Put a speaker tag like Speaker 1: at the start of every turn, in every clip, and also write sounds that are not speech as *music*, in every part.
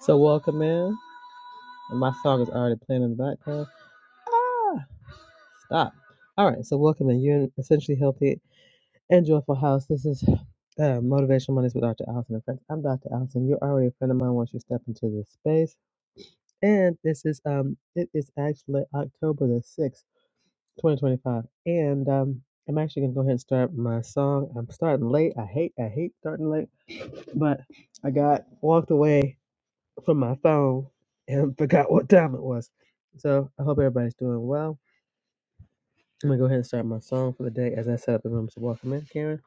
Speaker 1: So welcome in. And my song is already playing in the background. Ah, stop. All right. So welcome in. You're in essentially healthy and joyful house. This is uh, motivational Mondays with Dr. Allison and friends. I'm Dr. Allison. You're already a friend of mine once you step into this space. And this is um, it is actually October the sixth, 2025. And um, I'm actually gonna go ahead and start my song. I'm starting late. I hate, I hate starting late, but I got walked away from my phone and *laughs* forgot what time it was. So I hope everybody's doing well. I'm gonna go ahead and start my song for the day as I set up the room. So welcome in, Karen.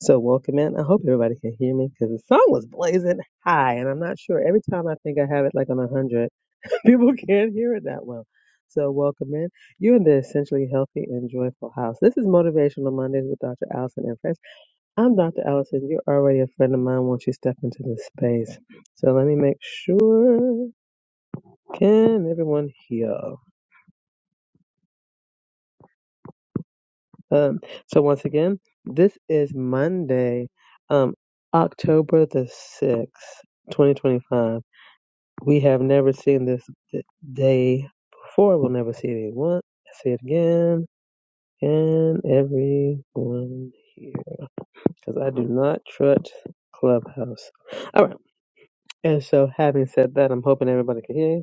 Speaker 1: So welcome in. I hope everybody can hear me because the song was blazing high, and I'm not sure. Every time I think I have it like on one hundred, *laughs* people can't hear it that well. So welcome in. You're in the essentially healthy and joyful house. This is Motivational Mondays with Dr. Allison and friends. I'm Dr. Allison. You're already a friend of mine once you step into this space. So let me make sure. Can everyone hear? Um, so once again, this is Monday, um, October the sixth, twenty twenty-five. We have never seen this d- day before. We'll never see it again. See it again. Can everyone hear? Because I do not trust Clubhouse. All right. And so, having said that, I'm hoping everybody can hear.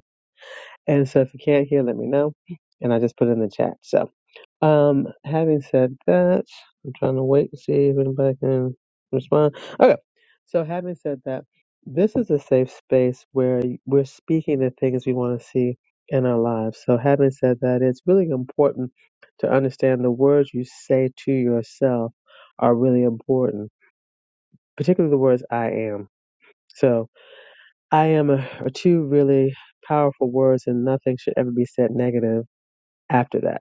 Speaker 1: And so, if you can't hear, let me know. And I just put it in the chat. So. Um, having said that, I'm trying to wait and see if anybody can respond. Okay, so having said that, this is a safe space where we're speaking the things we want to see in our lives. So having said that, it's really important to understand the words you say to yourself are really important, particularly the words "I am." So "I am" are two really powerful words, and nothing should ever be said negative after that.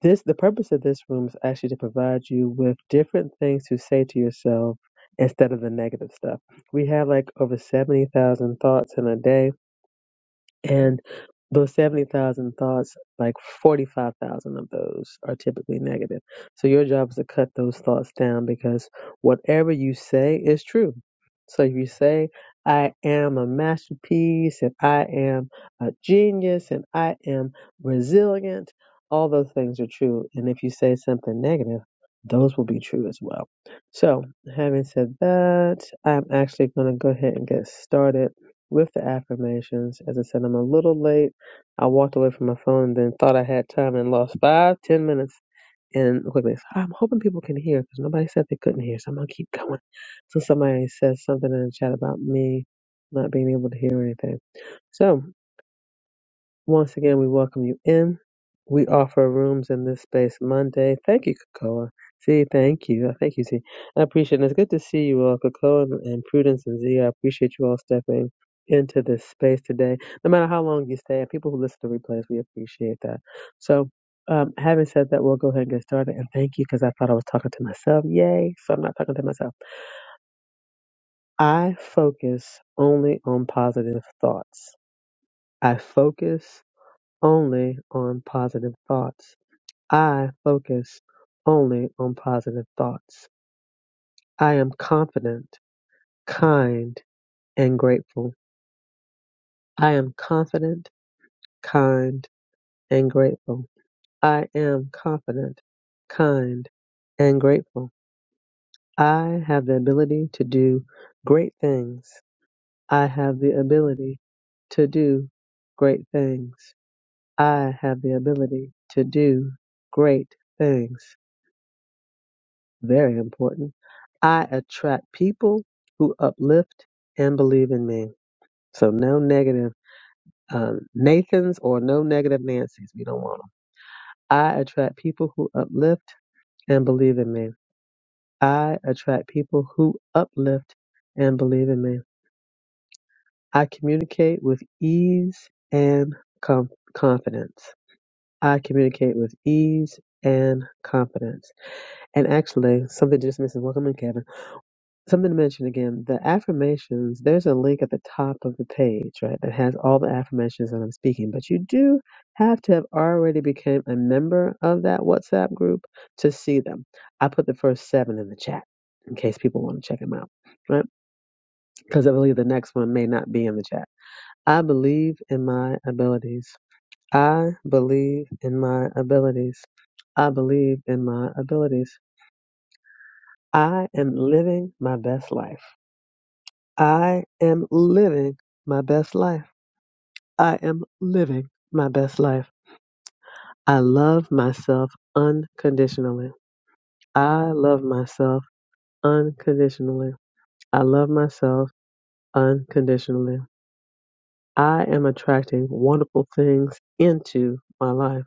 Speaker 1: This the purpose of this room is actually to provide you with different things to say to yourself instead of the negative stuff. We have like over seventy thousand thoughts in a day. And those 70,000 thoughts, like 45,000 of those are typically negative. So your job is to cut those thoughts down because whatever you say is true. So if you say, I am a masterpiece and I am a genius and I am resilient, all those things are true. And if you say something negative, those will be true as well. So having said that, I'm actually going to go ahead and get started with the affirmations. As I said, I'm a little late. I walked away from my phone, then thought I had time and lost five, ten minutes in quickness. I'm hoping people can hear because nobody said they couldn't hear, so I'm gonna keep going. So somebody says something in the chat about me not being able to hear anything. So. Once again, we welcome you in. We offer rooms in this space Monday. Thank you, Kakoa. See, thank you. Uh, Thank you, see. I appreciate it. It's good to see you all, Kakoa and and Prudence and Z. I appreciate you all stepping into this space today. No matter how long you stay, and people who listen to replays, we appreciate that. So, um, having said that, we'll go ahead and get started. And thank you because I thought I was talking to myself. Yay. So I'm not talking to myself. I focus only on positive thoughts. I focus only on positive thoughts. I focus only on positive thoughts. I am confident, kind, and grateful. I am confident, kind, and grateful. I am confident, kind, and grateful. I have the ability to do great things. I have the ability to do great things. I have the ability to do great things. very important. I attract people who uplift and believe in me. So no negative um, Nathans or no negative Nancys. We don't want them. I attract people who uplift and believe in me. I attract people who uplift and believe in me. I communicate with ease and com- confidence. I communicate with ease and confidence. And actually, something just missing. Welcome in, Kevin. something to mention again the affirmations there's a link at the top of the page right that has all the affirmations that i'm speaking but you do have to have already become a member of that whatsapp group to see them i put the first seven in the chat in case people want to check them out right because i believe the next one may not be in the chat i believe in my abilities i believe in my abilities i believe in my abilities i am living my best life I am living my best life. I am living my best life. I love myself unconditionally. I love myself unconditionally. I love myself unconditionally. I am attracting wonderful things into my life.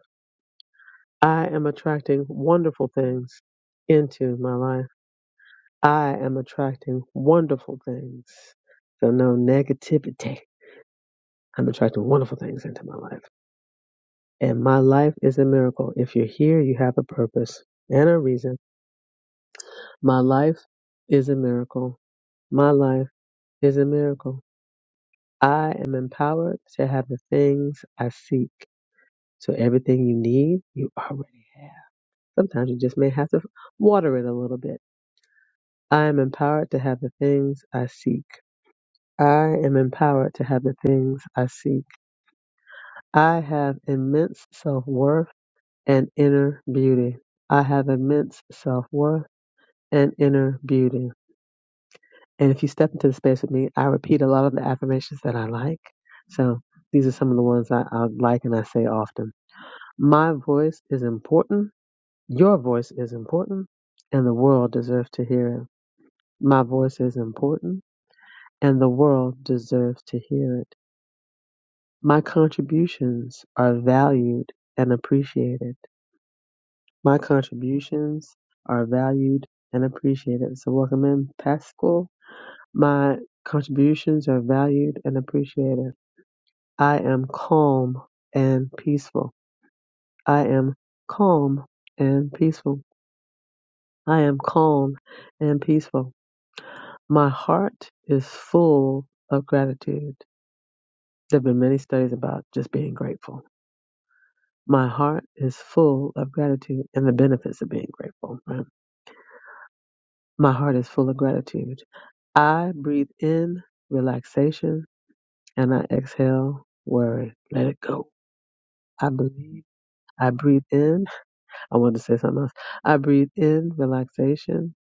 Speaker 1: I am attracting wonderful things into my life. I am attracting wonderful things. So, no negativity. I'm attracting wonderful things into my life. And my life is a miracle. If you're here, you have a purpose and a reason. My life is a miracle. My life is a miracle. I am empowered to have the things I seek. So everything you need, you already have. Sometimes you just may have to water it a little bit. I am empowered to have the things I seek. I am empowered to have the things I seek. I have immense self worth and inner beauty. I have immense self worth and inner beauty. And if you step into the space with me, I repeat a lot of the affirmations that I like. So these are some of the ones I, I like and I say often. My voice is important. Your voice is important. And the world deserves to hear it. My voice is important. And the world deserves to hear it. My contributions are valued and appreciated. My contributions are valued and appreciated. So welcome in, Pascal. My contributions are valued and appreciated. I am calm and peaceful. I am calm and peaceful. I am calm and peaceful. My heart is full of gratitude. There have been many studies about just being grateful. My heart is full of gratitude and the benefits of being grateful. right? My heart is full of gratitude. I breathe in relaxation and I exhale worry. Let it go. I believe. I breathe in. I wanted to say something else. I breathe in relaxation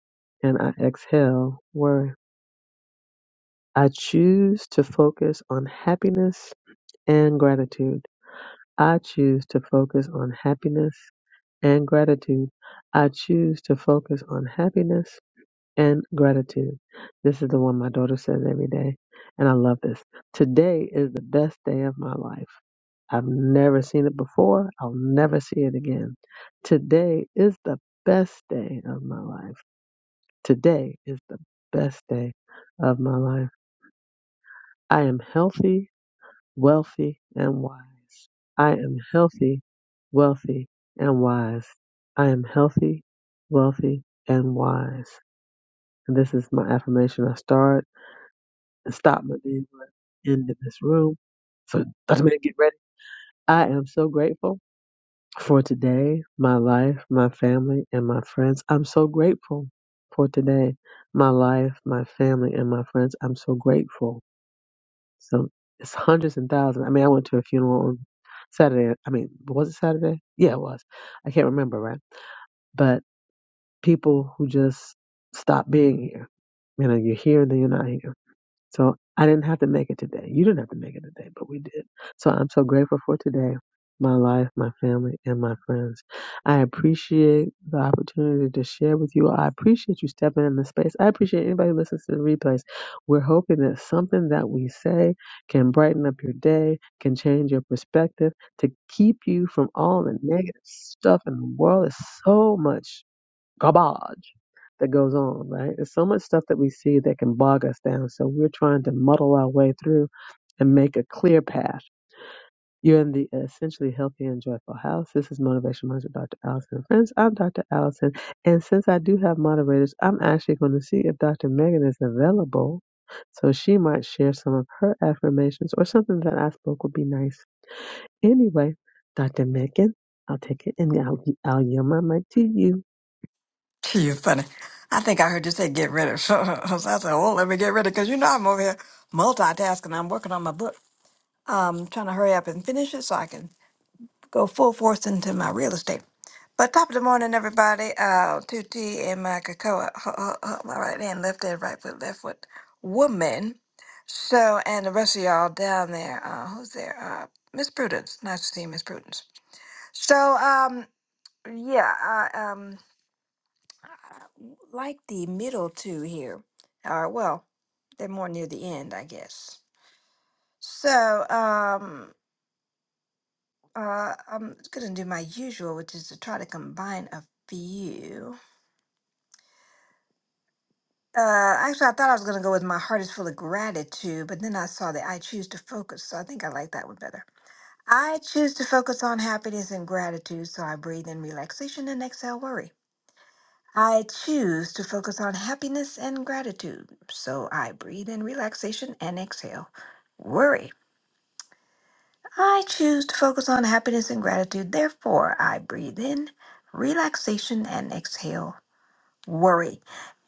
Speaker 1: and I exhale worry. I choose to focus on happiness and gratitude. I choose to focus on happiness and gratitude. I choose to focus on happiness and gratitude. This is the one my daughter says every day, and I love this. Today is the best day of my life. I've never seen it before. I'll never see it again. Today is the best day of my life. Today is the best day of my life. I am healthy, wealthy, and wise. I am healthy, wealthy, and wise. I am healthy, wealthy, and wise. And this is my affirmation. I start and stop my day, end in this room. So, Dr. Man, get ready. I am so grateful. for today, my life, my family, and my friends. I'm so grateful for today, my life, my family, and my friends. I'm so grateful. So it's hundreds and thousands. I mean, I went to a funeral on Saturday. I mean, was it Saturday? Yeah, it was. I can't remember, right? But people who just stop being here. You know, you're here and then you're not here. So I didn't have to make it today. You didn't have to make it today, but we did. So I'm so grateful for today, my life, my family, and my friends. I appreciate the opportunity to share with you. I appreciate you stepping in the space. I appreciate anybody who listens to the replays. We're hoping that something that we say can brighten up your day, can change your perspective, to keep you from all the negative stuff in the world. is so much garbage that goes on, right? There's so much stuff that we see that can bog us down. So we're trying to muddle our way through and make a clear path. You're in the Essentially Healthy and Joyful House. This is Motivation Monday with Dr. Allison and Friends. I'm Dr. Allison. And since I do have moderators, I'm actually going to see if Dr. Megan is available. So she might share some of her affirmations or something that I spoke would be nice. Anyway, Dr. Megan, I'll take it and I'll, I'll yell my mic to you.
Speaker 2: *laughs* You're funny. I think I heard you say get ready. *laughs* So I said, oh, let me get ready because you know I'm over here multitasking. I'm working on my book. I'm trying to hurry up and finish it so I can go full force into my real estate. But top of the morning, everybody. Uh, 2T and my cocoa. Uh, uh, uh, my right hand, left hand, right foot, left foot. Woman. So, and the rest of y'all down there. Uh, who's there? Uh, Miss Prudence. Nice to see you, Miss Prudence. So, um, yeah, I, um, I like the middle two here. Or well, they're more near the end, I guess. So um, uh, I'm gonna do my usual, which is to try to combine a few. Uh, actually, I thought I was gonna go with my heart is full of gratitude, but then I saw that I choose to focus, so I think I like that one better. I choose to focus on happiness and gratitude, so I breathe in relaxation and exhale worry. I choose to focus on happiness and gratitude. So I breathe in relaxation and exhale. Worry. I choose to focus on happiness and gratitude. Therefore, I breathe in relaxation and exhale. Worry.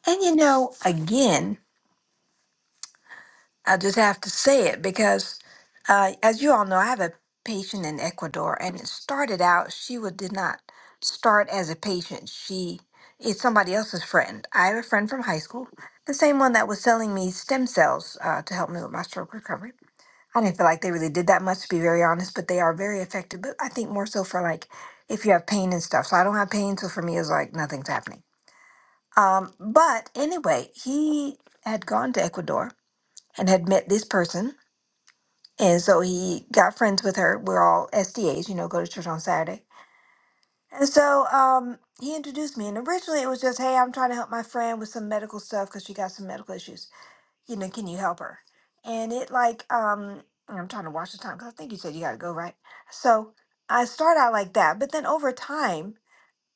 Speaker 2: And you know, again, I just have to say it because, uh, as you all know, I have a patient in Ecuador, and it started out she would, did not start as a patient. She is somebody else's friend. I have a friend from high school, the same one that was selling me stem cells uh, to help me with my stroke recovery. I didn't feel like they really did that much, to be very honest, but they are very effective. But I think more so for like if you have pain and stuff. So I don't have pain, so for me, it's like nothing's happening. Um, but anyway, he had gone to Ecuador and had met this person and so he got friends with her. We're all SDAs, you know, go to church on Saturday. And so um, he introduced me. And originally it was just, hey, I'm trying to help my friend with some medical stuff because she got some medical issues. You know, can you help her? And it like, um, and I'm trying to watch the time because I think you said you got to go, right? So I start out like that. But then over time,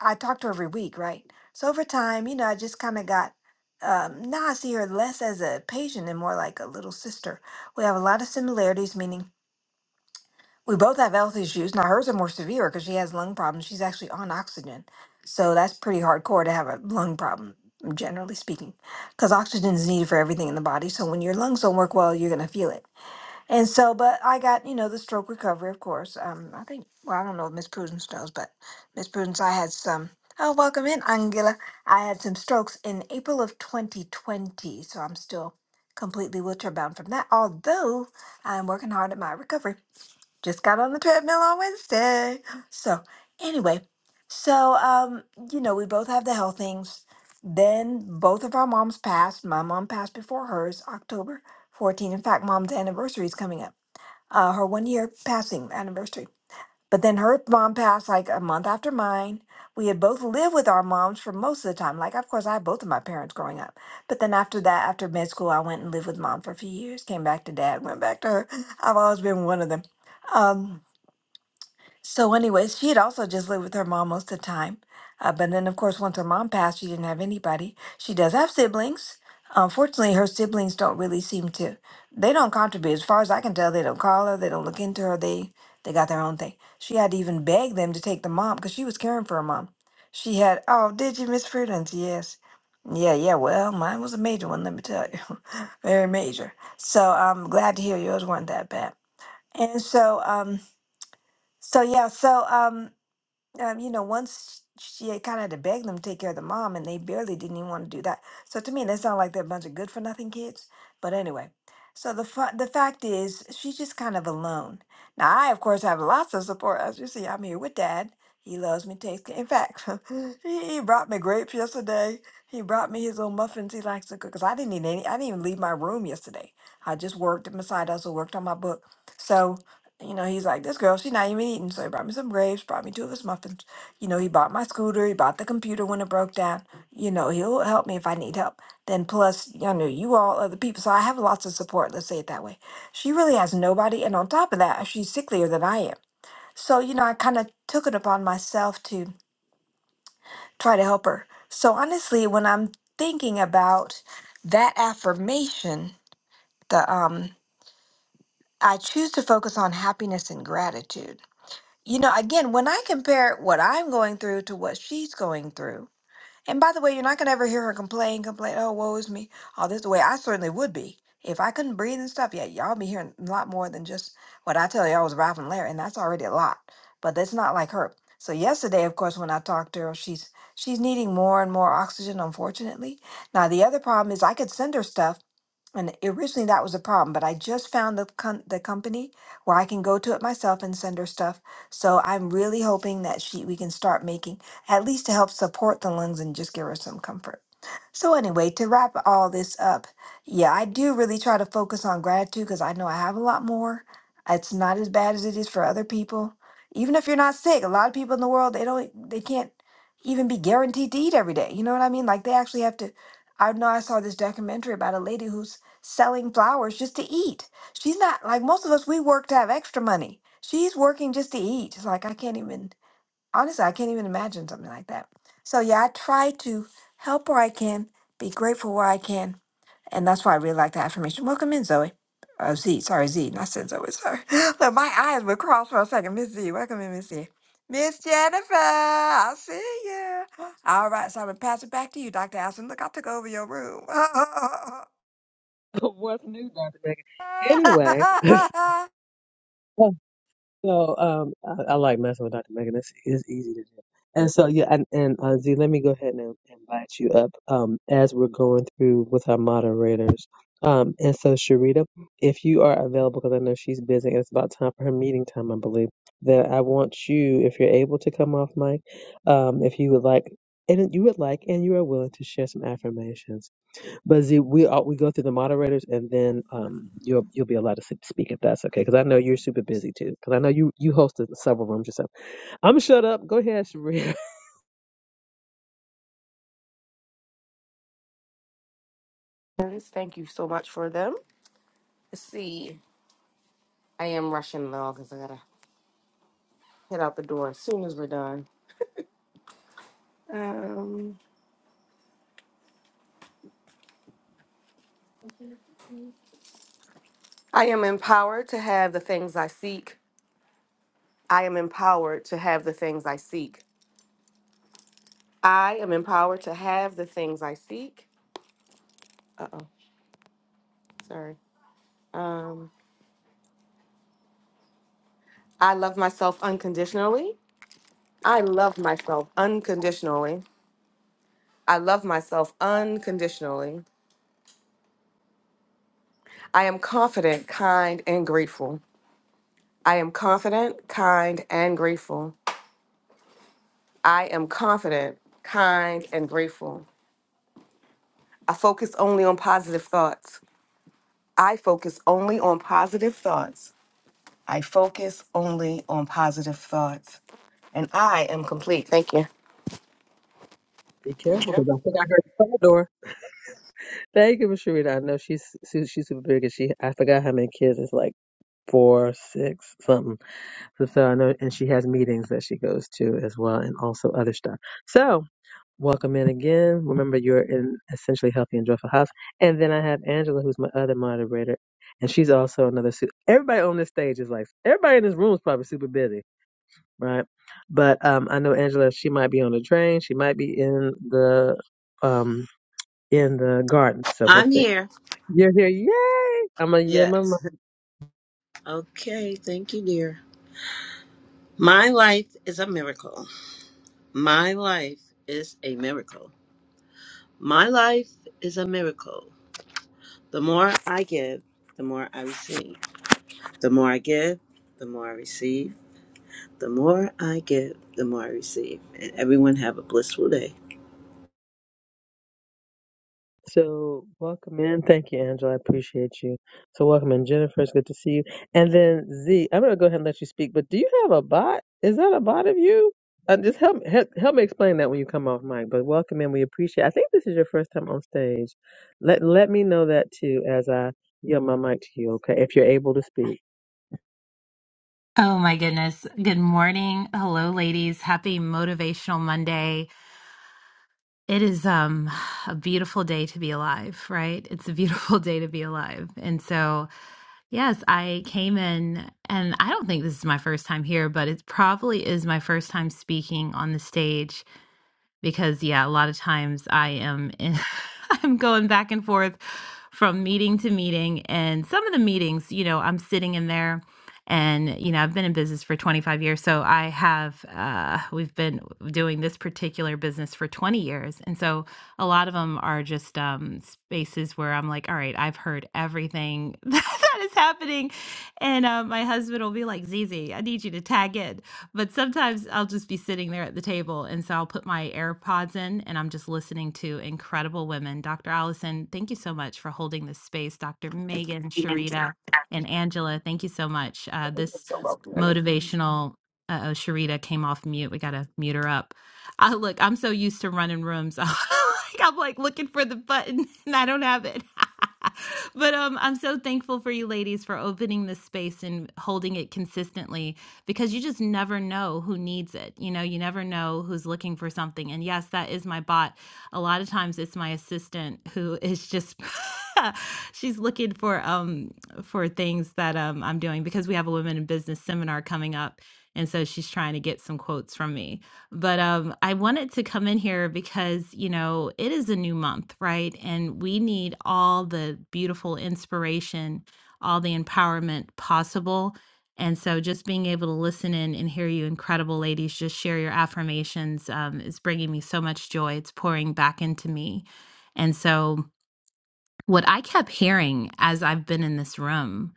Speaker 2: I talk to her every week, right? So over time, you know, I just kind of got, um, now I see her less as a patient and more like a little sister. We have a lot of similarities, meaning we both have health issues. Now hers are more severe because she has lung problems. She's actually on oxygen, so that's pretty hardcore to have a lung problem, generally speaking, because oxygen is needed for everything in the body. So when your lungs don't work well, you're gonna feel it. And so, but I got you know the stroke recovery, of course. Um, I think well, I don't know if Miss Prudence knows, but Miss Prudence, I had some. Oh, welcome in, Angela. I had some strokes in April of 2020, so I'm still completely wheelchair bound from that. Although I'm working hard at my recovery just got on the treadmill on Wednesday. So anyway, so um, you know, we both have the health things. Then both of our moms passed. My mom passed before hers, October fourteenth. In fact, mom's anniversary is coming up. Uh, her one year passing anniversary. But then her mom passed like a month after mine. We had both lived with our moms for most of the time. Like, of course, I had both of my parents growing up. But then after that, after med school, I went and lived with mom for a few years, came back to dad, went back to her. *laughs* I've always been one of them. Um, so, anyways, she had also just lived with her mom most of the time. Uh, but then, of course, once her mom passed, she didn't have anybody. She does have siblings. Unfortunately, her siblings don't really seem to. They don't contribute, as far as I can tell. They don't call her. They don't look into her. They they got their own thing. She had to even beg them to take the mom because she was caring for her mom. She had. Oh, did you miss Prudence? Yes. Yeah, yeah. Well, mine was a major one. Let me tell you, *laughs* very major. So I'm glad to hear yours weren't that bad. And so, um, so yeah, so um um, you know, once she kind of had to beg them to take care of the mom, and they barely didn't even want to do that. So to me, that sounded like they're a bunch of good for nothing kids. But anyway, so the fa- the fact is, she's just kind of alone. Now, I of course have lots of support. As you see, I'm here with Dad. He loves me. Takes ca- in fact, *laughs* he he brought me grapes yesterday. He brought me his little muffins he likes to cook. Cause I didn't eat any. I didn't even leave my room yesterday. I just worked at my side hustle, worked on my book. So you know, he's like, this girl, she not even eating. So he brought me some grapes, brought me two of his muffins. You know, he bought my scooter, he bought the computer when it broke down. You know, he'll help me if I need help. Then plus, you know, you all other people. So I have lots of support, let's say it that way. She really has nobody. And on top of that, she's sicklier than I am. So, you know, I kind of took it upon myself to try to help her. So honestly, when I'm thinking about that affirmation, the um I choose to focus on happiness and gratitude You know, again, when I compare what I'm going through to what she's going through, and by the way, you're not going to ever hear her complain, complain, oh, woe is me, all this the way I certainly would be. If I couldn't breathe and stuff, yeah, y'all be hearing a lot more than just what I tell y'all was Ralph and Larry, and that's already a lot. But that's not like her. So yesterday, of course, when I talked to her, she's she's needing more and more oxygen, unfortunately. Now the other problem is I could send her stuff, and originally that was a problem, but I just found the com- the company where I can go to it myself and send her stuff. So I'm really hoping that she we can start making at least to help support the lungs and just give her some comfort. So anyway, to wrap all this up, yeah, I do really try to focus on gratitude because I know I have a lot more. It's not as bad as it is for other people. Even if you're not sick, a lot of people in the world they don't they can't even be guaranteed to eat every day. You know what I mean? Like they actually have to I know I saw this documentary about a lady who's selling flowers just to eat. She's not like most of us, we work to have extra money. She's working just to eat. It's like, I can't even, honestly, I can't even imagine something like that. So, yeah, I try to help where I can, be grateful where I can. And that's why I really like the affirmation. Welcome in, Zoe. Uh, Z, sorry, Z, not said Zoe, sorry. *laughs* Look, my eyes were crossed for a second. Miss Z, welcome in, Miss Z. Miss Jennifer, I'll see ya. All right, so I'm going to pass it back to you, Dr. Allison. Look, I took over your room. *laughs*
Speaker 1: *laughs* What's new, Dr. Megan? Anyway.
Speaker 2: *laughs*
Speaker 1: *laughs* So um, I, I like messing with Dr. Megan. It's, it's easy to do. And so yeah, and, and uh, Z, let me go ahead and invite you up um, as we're going through with our moderators. Um, and so Sharita, if you are available, because I know she's busy, and it's about time for her meeting time, I believe. That I want you, if you're able to come off mic, um, if you would like, and you would like, and you are willing to share some affirmations. But Z, we all, we go through the moderators, and then um, you'll you'll be allowed to s- speak if that's okay. Because I know you're super busy too. Because I know you you hosted several rooms yourself. I'm shut up. Go ahead, Sharita.
Speaker 3: Yes, Thank you so much for them. Let's see. I am rushing though because I gotta head out the door as soon as we're done. Um, I am empowered to have the things I seek. I am empowered to have the things I seek. I am empowered to have the things I seek. Uh oh, sorry. Um, I love myself unconditionally. I love myself unconditionally. I love myself unconditionally. I am confident, kind, and grateful. I am confident, kind, and grateful. I am confident, kind, and grateful. I focus only on positive thoughts. I focus only on positive thoughts. I focus only on positive thoughts. And I am complete. Thank you.
Speaker 1: *laughs* Be careful,
Speaker 3: you.
Speaker 1: because I think I heard the front door. Thank you, Miss Sharita. I know she's su- she's super big, and she I forgot how many kids. It's like four, six, something. So, so I know, and she has meetings that she goes to as well, and also other stuff. So. Welcome in again. Remember, you're in Essentially Healthy and Joyful House. And then I have Angela, who's my other moderator, and she's also another. Su- everybody on this stage is like, everybody in this room is probably super busy, right? But um, I know Angela, she might be on the train, she might be in the um in the garden, so we'll
Speaker 4: I'm
Speaker 1: see.
Speaker 4: here.
Speaker 1: You're here, yay! I'm gonna yield my mic.
Speaker 4: Yes. Okay. Thank you, dear. My life is a miracle. My life is a miracle. My life is a miracle. The more I give, the more I receive. The more I give, the more I receive. The more I give, the more I receive. And everyone have a blissful day.
Speaker 1: So welcome in. Thank you, Angela. I appreciate you. So welcome in, Jennifer. It's good to see you. And then Z, I'm gonna go ahead and let you speak. But do you have a bot? Is that a bot of you? Uh, just help, help help me explain that when you come off mic. But welcome in. We appreciate. I think this is your first time on stage. Let let me know that too as I yield my mic to you. Okay, if you're able to speak.
Speaker 5: Oh my goodness. Good morning. Hello ladies. Happy motivational Monday. It is um a beautiful day to be alive, right? It's a beautiful *laughs* day to be alive. And so, yes, I came in and I don't think this is my first time here, but it probably is my first time speaking on the stage because yeah a lot of times i am in, *laughs* i'm going back and forth from meeting to meeting and some of the meetings you know i'm sitting in there and you know i've been in business for 25 years so i have uh, we've been doing this particular business for 20 years and so a lot of them are just um, spaces where i'm like all right i've heard everything *laughs* that is happening and uh, my husband will be like zizi i need you to tag in but sometimes I'll just be sitting there at the table, and so I'll put my AirPods in and I'm just listening to incredible women. Dr. Allison, thank you so much for holding this space. Dr. Megan, Sharita, and Angela, thank you so much. Uh,
Speaker 3: You're
Speaker 5: this
Speaker 3: so welcome, honey.
Speaker 5: motivational, uh oh, Sharita came off mute. We got to mute her up. I look, I'm so used to running rooms. *laughs* like, I'm like looking for the button *laughs* and I don't have it. *laughs* but um, I'm so thankful for you ladies for opening this space and holding it consistently because you just never know who needs it. You know, you never know who's looking for something. And yes, that is my bot. A lot of times it's my assistant who is just *laughs* she's looking for um for things that um I'm doing because we have a women in business seminar coming up. And so she's trying to get some quotes from me. But um, I wanted to come in here because, you know, it is a new month, right? And we need all the beautiful inspiration, all the empowerment possible and so just being able to listen in and hear you incredible ladies just share your affirmations um, is bringing me so much joy. It's pouring back into me. And so what I kept hearing as I've been in this room,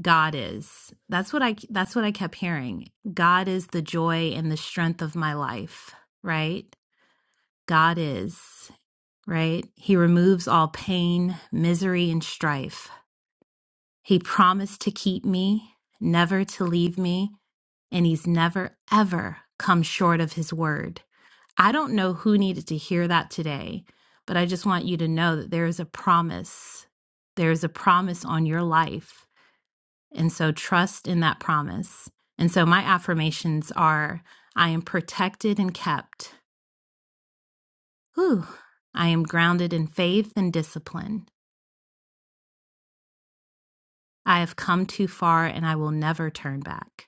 Speaker 5: God is. That's what I that's what I kept hearing. God is the joy and the strength of my life, right? God is, right? He removes all pain, misery and strife. He promised to keep me, never to leave me, and he's never, ever come short of his word. I don't know who needed to hear that today, but I just want you to know that there is a promise. There is a promise on your life. And so trust in that promise. And so my affirmations are I am protected and kept. Whew. I am grounded in faith and discipline. I have come too far and I will never turn back.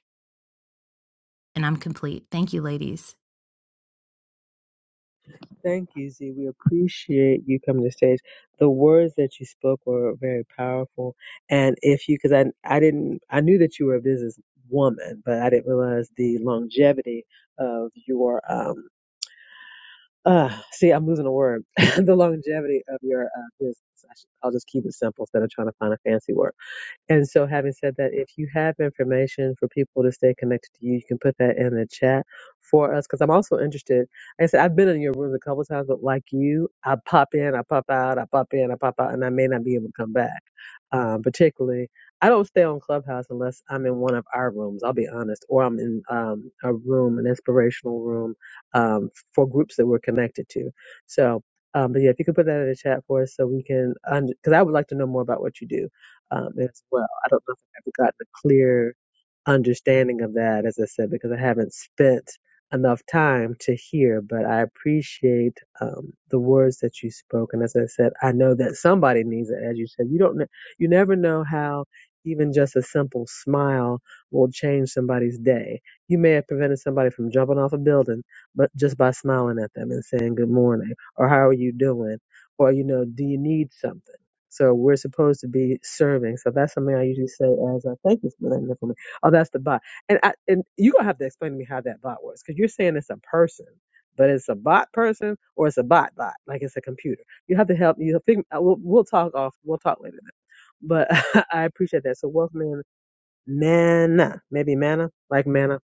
Speaker 5: and I'm complete. Thank you, ladies.
Speaker 1: Thank you, Z. We appreciate you coming to stage. The words that you spoke were very powerful. And if you, because I, I didn't, I knew that you were a business woman, but I didn't realize the longevity of your, um, uh, see, I'm losing a word. *laughs* the longevity of your uh, business. I should, I'll just keep it simple instead of trying to find a fancy word. And so, having said that, if you have information for people to stay connected to you, you can put that in the chat for us. Because I'm also interested. Like I said I've been in your rooms a couple times, but like you, I pop in, I pop out, I pop in, I pop out, and I may not be able to come back. Um, particularly, I don't stay on Clubhouse unless I'm in one of our rooms. I'll be honest, or I'm in um, a room, an inspirational room um, for groups that we're connected to. So. Um, but yeah, if you could put that in the chat for us so we can, because I would like to know more about what you do um, as well. I don't know if I've ever gotten a clear understanding of that, as I said, because I haven't spent enough time to hear, but I appreciate um, the words that you spoke. And as I said, I know that somebody needs it. As you said, you don't, kn- you never know how even just a simple smile will change somebody's day. You may have prevented somebody from jumping off a building, but just by smiling at them and saying good morning or how are you doing? Or, you know, do you need something? So we're supposed to be serving. So that's something I usually say as I thank you for that information Oh, that's the bot. And I, and you're gonna have to explain to me how that bot works because you're saying it's a person, but it's a bot person or it's a bot bot, like it's a computer. You have to help. You think we'll, we'll talk off. We'll talk later. Then. But *laughs* I appreciate that. So Wolfman Manna, maybe Manna, like Manna.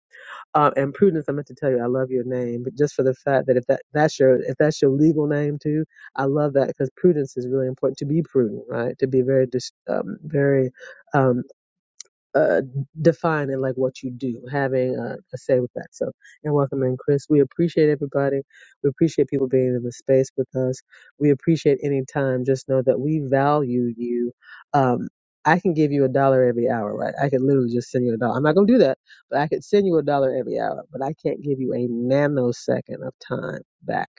Speaker 1: Um, and Prudence, I meant to tell you, I love your name, but just for the fact that if that that's your if that's your legal name too, I love that because prudence is really important to be prudent, right? To be very dis- um, very um, uh, defining like what you do, having a, a say with that. So, and welcome in, Chris. We appreciate everybody. We appreciate people being in the space with us. We appreciate any time. Just know that we value you. Um, I can give you a dollar every hour, right? I could literally just send you a dollar. I'm not gonna do that, but I could send you a dollar every hour. But I can't give you a nanosecond of time back.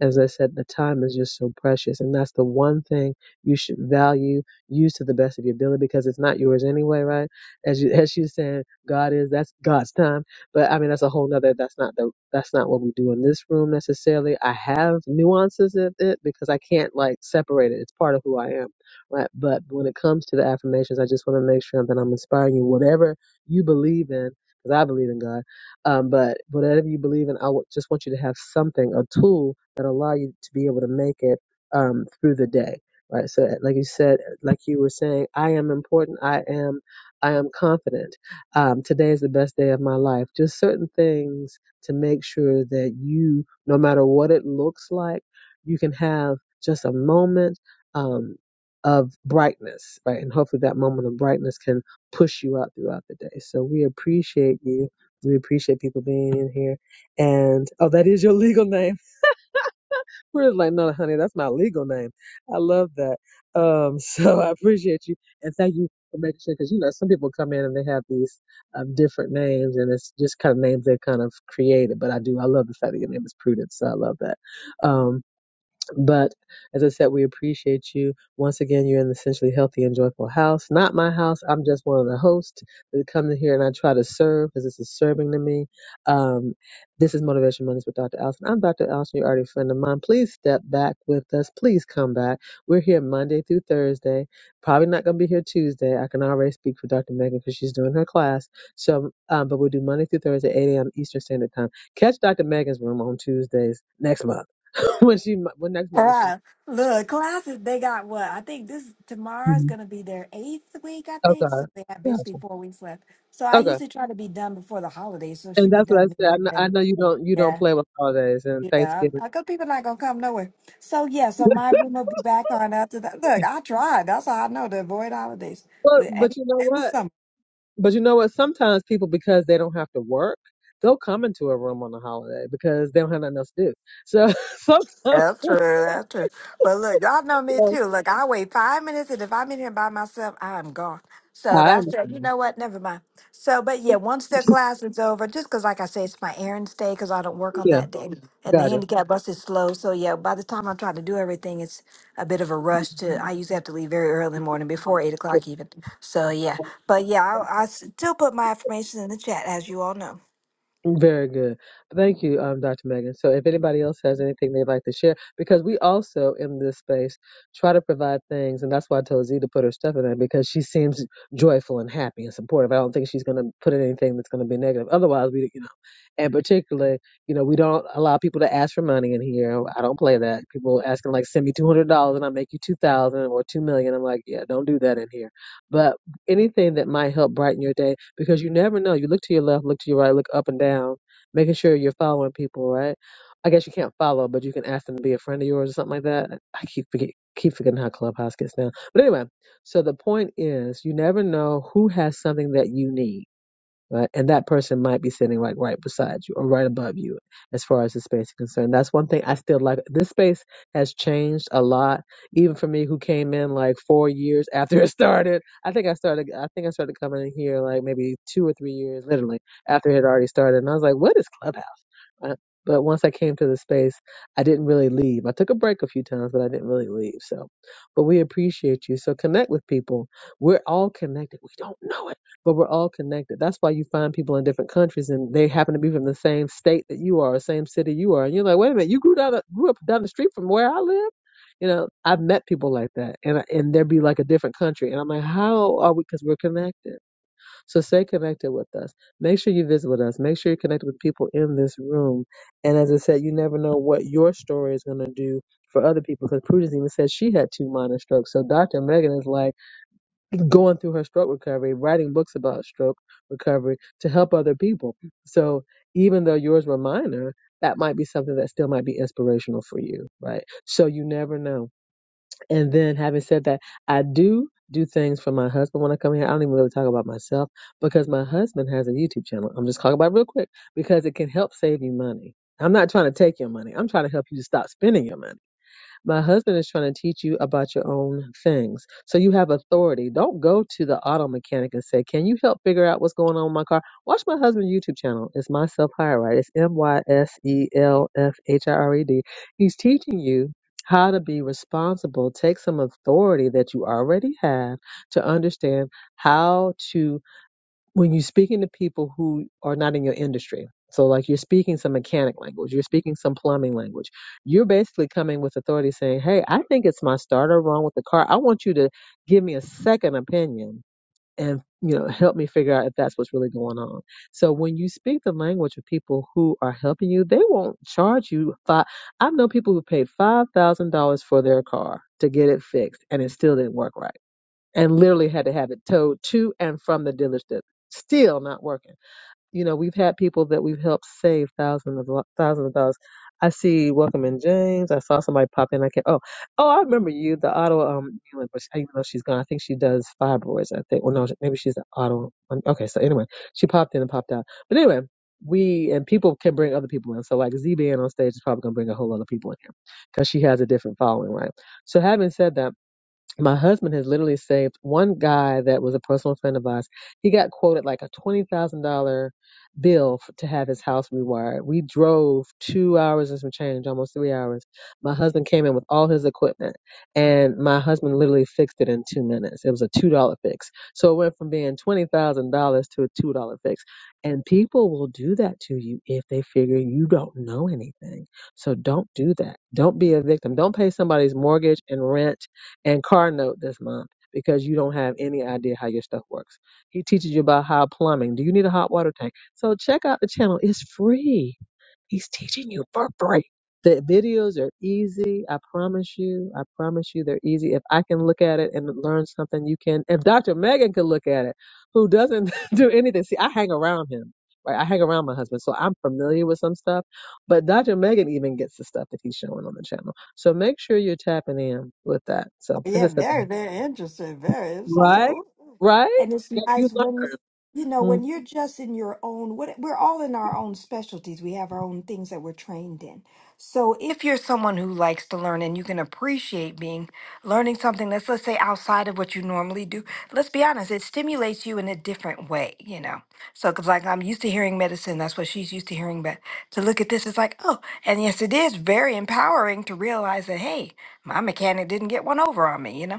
Speaker 1: As I said, the time is just so precious, and that's the one thing you should value, use to the best of your ability, because it's not yours anyway, right? as you *laughs* as you said, God is that's God's time. But I mean that's a whole nother that's not the that's not what we do in this room necessarily. I have nuances of it because I can't like separate it. It's part of who I am. Right. But when it comes to the affirmations, I just want to make sure that I'm inspiring you, whatever you believe in, because I believe in God. Um, but whatever you believe in, I w- just want you to have something, a tool that allow you to be able to make it um, through the day right so like you said like you were saying i am important i am I am confident. Um, today is the best day of my life. Just certain things to make sure that you, no matter what it looks like, you can have just a moment um, of brightness, right? And hopefully that moment of brightness can push you out throughout the day. So we appreciate you. We appreciate people being in here. And oh, that is your legal name. We're just like, no, honey, that's my legal name. I love that. Um, *laughs* so I appreciate you and thank you for making sure because you know some people come in and they have these um, different names and it's just kind of names they kind of created. But I do, I love the fact that your name is Prudence. So I love that. Um, but as I said, we appreciate you. Once again, you're in the Essentially Healthy and Joyful House. Not my house. I'm just one of the hosts that come in here and I try to serve because this is serving to me. Um, this is Motivation Mondays with Dr. Allison. I'm Dr. Allison. You're already a friend of mine. Please step back with us. Please come back. We're here Monday through Thursday. Probably not going to be here Tuesday. I can already speak for Dr. Megan because she's doing her class. So, um, but we'll do Monday through Thursday, 8 a.m. Eastern Standard Time. Catch Dr. Megan's room on Tuesdays next month. When she, mo- when next month when she,
Speaker 2: right. Look, classes, they got what? I think this tomorrow's
Speaker 1: Mhm.
Speaker 2: going to be their eighth week, I
Speaker 1: okay,
Speaker 2: think. So they have basically
Speaker 1: gotcha.
Speaker 2: four weeks left. So I
Speaker 1: Okay,
Speaker 2: usually try to be done before the holidays. So
Speaker 1: and
Speaker 2: she'd be
Speaker 1: that's what I
Speaker 2: done mid
Speaker 1: said. I know, I
Speaker 2: November.
Speaker 1: know you don't you don't
Speaker 2: Yeah.
Speaker 1: play with holidays and
Speaker 2: Yeah.
Speaker 1: Thanksgiving,
Speaker 2: I, I go, people not going to come nowhere. So, yeah. So my room will be back on after that. Look, I tried. That's how I know to avoid holidays
Speaker 1: but
Speaker 2: with and,
Speaker 1: but you know
Speaker 2: and the
Speaker 1: what?
Speaker 2: summer.
Speaker 1: But you know what? Sometimes people because they don't have to work, they'll come into a room on a holiday because they don't have nothing else to do. So *laughs* sometimes
Speaker 2: That's true.
Speaker 1: you
Speaker 2: That's true. But look, y'all know me
Speaker 1: know,
Speaker 2: too. Look, I wait five minutes, and if I'm in here by myself, I'm gone. So
Speaker 1: I
Speaker 2: that's it. You
Speaker 1: understand.
Speaker 2: know what? Never mind. So, but yeah, once the
Speaker 1: *laughs*
Speaker 2: class is over, just because, like I say, it's my errands day because I don't work on
Speaker 1: yeah,
Speaker 2: that day, and the
Speaker 1: gotcha.
Speaker 2: handicap bus is slow. So yeah, by the time I'm trying to do everything, it's a bit of a rush. To I usually have to leave very early in the morning, before eight o'clock even. So yeah, but yeah, I, I still put my information in the chat, as you all know.
Speaker 1: Very good. Thank you, um, Dr. Megan. So, if anybody else has anything they'd like to share, because we also in this space try to provide things, and that's why I told Z to put her stuff in there because she seems joyful and happy and supportive. I don't think she's going to put in anything that's going to be negative. Otherwise, we, you know, and particularly, you know, we don't allow people to ask for money in here. I don't play that. People asking like, send me two hundred dollars and I'll make you two thousand or two million. I'm like, yeah, don't do that in here. But anything that might help brighten your day because you never know. You look to your left, look to your right, look up and down, making sure you're following people, right? I guess you can't follow, but you can ask them to be a friend of yours or something like that. I keep forget, keep forgetting how Clubhouse gets now. But anyway, so the point is, you never know who has something that you need right? And that person might be sitting like right beside you or right above you as far as the space is concerned. That's one thing I still like. This space has changed a lot, even for me who came in like four years *laughs* after it started. I think I started I think I started coming in here like maybe two or three years literally after it had already started. And I was like, what is Clubhouse? Uh, But once I came to the space, I didn't really leave. I took a break a few times, but I didn't really leave. So, but we appreciate you. So connect with people. We're all connected. We don't know it, but we're all connected. That's why you find people in different countries and they happen to be from the same state that you are, or same city you are. And you're like, wait a minute, you grew down, the, grew up down the street from where I live. You know, I've met people like that, and I- and there'd be like a different country, and I'm like, how are we? Because we're connected. So stay connected with us. Make sure you visit with us. Make sure you connect with people in this room. And as I said, you never know what your story is going to do for other people. Because Prudence even said she had two minor strokes. So Dr. Megan is like going through her stroke recovery, writing books about stroke recovery to help other people. So even though yours were minor, that might be something that still might be inspirational for you, right? So you never know. And then, having said that, I do do things for my husband when I come here. I don't even really talk about myself because my husband has a YouTube channel. I'm just talking about it real quick because it can help save you money. I'm not trying to take your money. I'm trying to help you to stop spending your money my husband is trying to teach you about your own things. So you have authority. Don't go to the auto mechanic and say, Can you help figure out what's going on with my car? Watch my husband's YouTube channel. It's Myself Hire Right. It's M Y S E L F H I R E D. He's teaching you how to be responsible. Take some authority that you already have to understand how to when you're speaking to people who are not in your industry, so like you're speaking some mechanic language, you're speaking some plumbing language, you're basically coming with authority saying, Hey, I think it's my starter wrong with the car. I want you to give me a second opinion and you know help me figure out if that's what's really going on so when you speak the language of people who are helping you they won't charge you five i know people who paid five thousand dollars for their car to get it fixed and it still didn't work right and literally had to have it towed to and from the dealership. Still not working. You know, we've had people that we've helped save thousands of lo- thousands of dollars. I see Welcome in James. I saw somebody pop in. I can't. Oh, oh, I remember you, the auto. Um, you know, but she- even though she's gone, I think she does fibroids. I think. Well, no, maybe she's an auto. um, Okay, so anyway, she popped in and popped out. But anyway, we and people can bring other people in. So like Z being on stage is probably gonna bring a whole lot of people in here because she has a different following, right? So having said that my husband has literally saved one guy that was a personal friend of ours. He got quoted like a twenty thousand dollar bill f to have his house rewired. We drove two hours and some change, almost three hours. My husband came in with all his equipment, and my husband literally fixed it in two minutes. It was a two dollar fix, so it went from being twenty thousand dollars to a two dollar fix. And people will do that to you if they figure you don't know anything. So don't do that. Don't be a victim. Don't pay somebody's mortgage and rent and car note this month because you don't have any idea how your stuff works. He teaches you about how plumbing. Do you need a hot water tank? So check out the channel. It's free. He's teaching you for free. The videos are easy. I promise you. I promise you they're easy. If I can look at it and learn something, you can. If Dr. Megan could look at it, who doesn't *laughs* do anything. See, I hang around him. Right? I hang around my husband, so I'm familiar with some stuff. But Dr. Megan even gets the stuff that he's showing on the channel. So make sure you're tapping in with that. So as I
Speaker 2: Yeah,
Speaker 1: said,
Speaker 2: very, very interesting. Very. It's also,
Speaker 1: right,
Speaker 2: ooh, ooh.
Speaker 1: right,
Speaker 2: and it's
Speaker 1: like you
Speaker 2: nice when you,
Speaker 1: learn.
Speaker 2: you know,
Speaker 1: Mm-hmm.
Speaker 2: when you're just in your own. What we're all in our own specialties. We have our own things that we're trained in. So if you're someone who likes to learn and you can appreciate being learning something that's let's say outside of what you normally do, let's be honest, it stimulates you in a different way. You know, so because like I'm used to hearing medicine, that's what she's used to hearing, but to look at this, it's like oh, and yes, it is very empowering to realize that hey my mechanic didn't get one over on me, you know?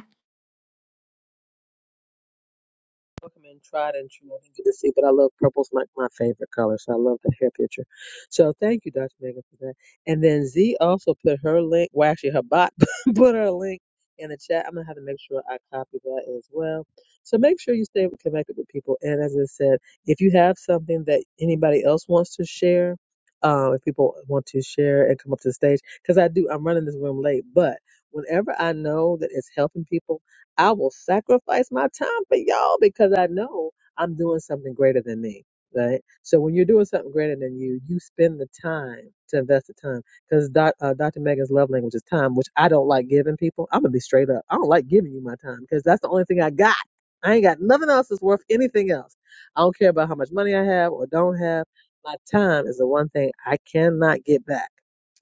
Speaker 1: Welcome in tried and true. I didn't get to see, but I love purple's my, my favorite color, so I love the hair picture. So thank you, Dr. Megan, for that. And then Z also put her link, well actually her bot *laughs* put her link in the chat. I'm gonna have to make sure I copy that as well. So make sure you stay connected with people. And as I said, if you have something that anybody else wants to share, um, if people want to share and come up to the stage, because I do, I'm running this room late, but whenever I know that it's helping people I will sacrifice my time for y'all because I know I'm doing something greater than me. Right. So when you're doing something greater than you, you spend the time to invest the time because doc, uh, Dr. Megan's love language is time, which I don't like giving people. I'm gonna be straight up. I don't like giving you my time because that's the only thing I got. I ain't got nothing else that's worth anything else. I don't care about how much money I have or don't have. My time is the one thing I cannot get back.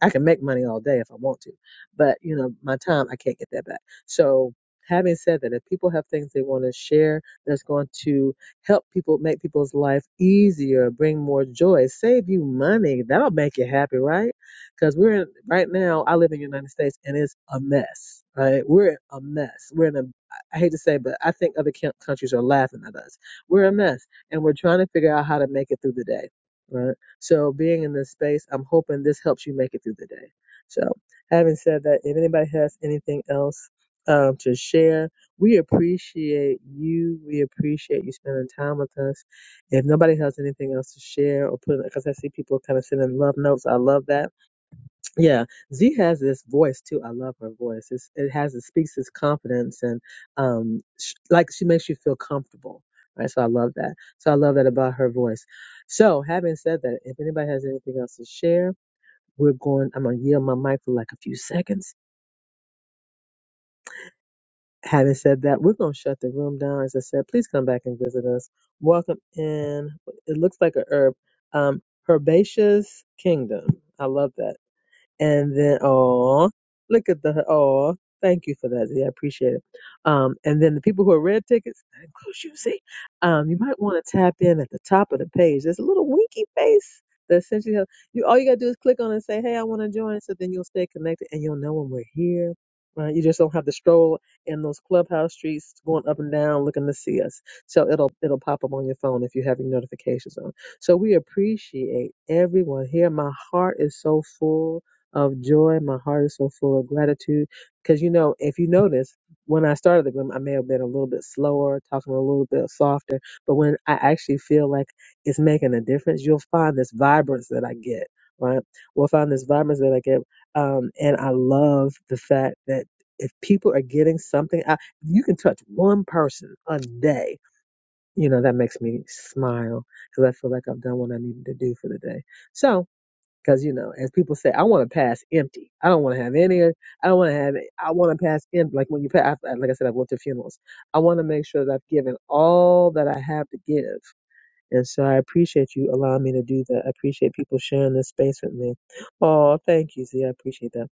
Speaker 1: I can make money all day if I want to, but you know, my time I can't get that back. So Having said that, if people have things they want to share that's going to help people make people's life easier, bring more joy, save you money, that'll make you happy, right? Because we're in, right now, I live in the United States and it's a mess, right? We're a mess. We're in a, I hate to say, but I think other coun- countries are laughing at us. We're a mess and we're trying to figure out how to make it through the day, right? So being in this space, I'm hoping this helps you make it through the day. So having said that, if anybody has anything else, um, to share. We appreciate you. We appreciate you spending time with us. If nobody has anything else to share or put, because I see people kind of sending love notes. I love that. Yeah, Z has this voice too. I love her voice. It's, it has it speaks this confidence and um, sh- like she makes you feel comfortable. Right, so I love that. So I love that about her voice. So having said that, if anybody has anything else to share, we're going. I'm gonna yield my mic for like a few seconds Having said that, we're going to shut the room down. As I said, please come back and visit us. Welcome in. It looks like a herb. Um, Herbaceous Kingdom. I love that and then oh look at the oh thank you for that yeah i appreciate it um and then the people who are red tickets that includes you see um you might want to tap in at the top of the page there's a little winky face that essentially has, you all you gotta do is click on it and say hey i want to join so then you'll stay connected and you'll know when we're here right you just don't have to stroll in those clubhouse streets going up and down looking to see us so it'll it'll pop up on your phone if you have your notifications on so we appreciate everyone here my heart is so full of joy. My heart is so full of gratitude. Because, you know, if you notice, when I started the glim, I may have been a little bit slower, talking a little bit softer. But when I actually feel like it's making a difference, you'll find this vibrance that I get, right? We'll find this vibrance that I get. Um, and I love the fact that if people are getting something out, you can touch one person a day. You know, that makes me smile because I feel like I've done what I needed to do for the day. So, because you know, as people say, I want to pass empty. I don't want to have any. I don't want to have. I want to pass empty. Like when you pass, like I said, I've went to funerals. I want to make sure that I've given all that I have to give. And so I appreciate you allowing me to do that. I appreciate people sharing this space with me. Oh, thank you, Z. I appreciate that.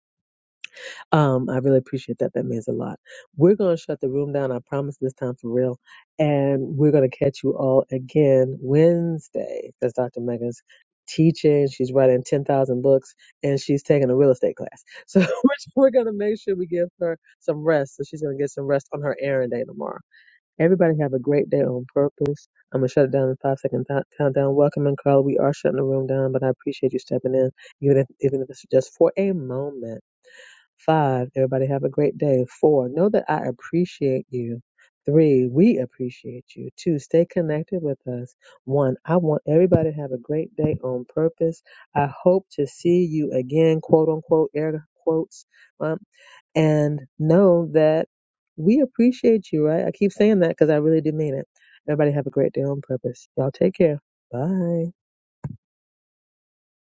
Speaker 1: Um, I really appreciate that. That means a lot. We're going to shut the room down. I promise this time for real. And we're going to catch you all again Wednesday. That's Dr. Megan's teaching. She's writing 10,000 books and she's taking a real estate class. So *laughs* we're we're going to make sure we give her some rest. So she's going to get some rest on her errand day tomorrow. Everybody have a great day on purpose. I'm going to shut it down in five second th- countdown. Welcome and Carla. We are shutting the room down, but I appreciate you stepping in, even if, even if it's just for a moment Five, everybody have a great day. Four, know that I appreciate you. Three, we appreciate you. Two, stay connected with us. One, I want everybody to have a great day on purpose. I hope to see you again, quote unquote, air quotes. Um, and know that we appreciate you, right? I keep saying that because I really do mean it. Everybody have a great day on purpose. Y'all take care. Bye.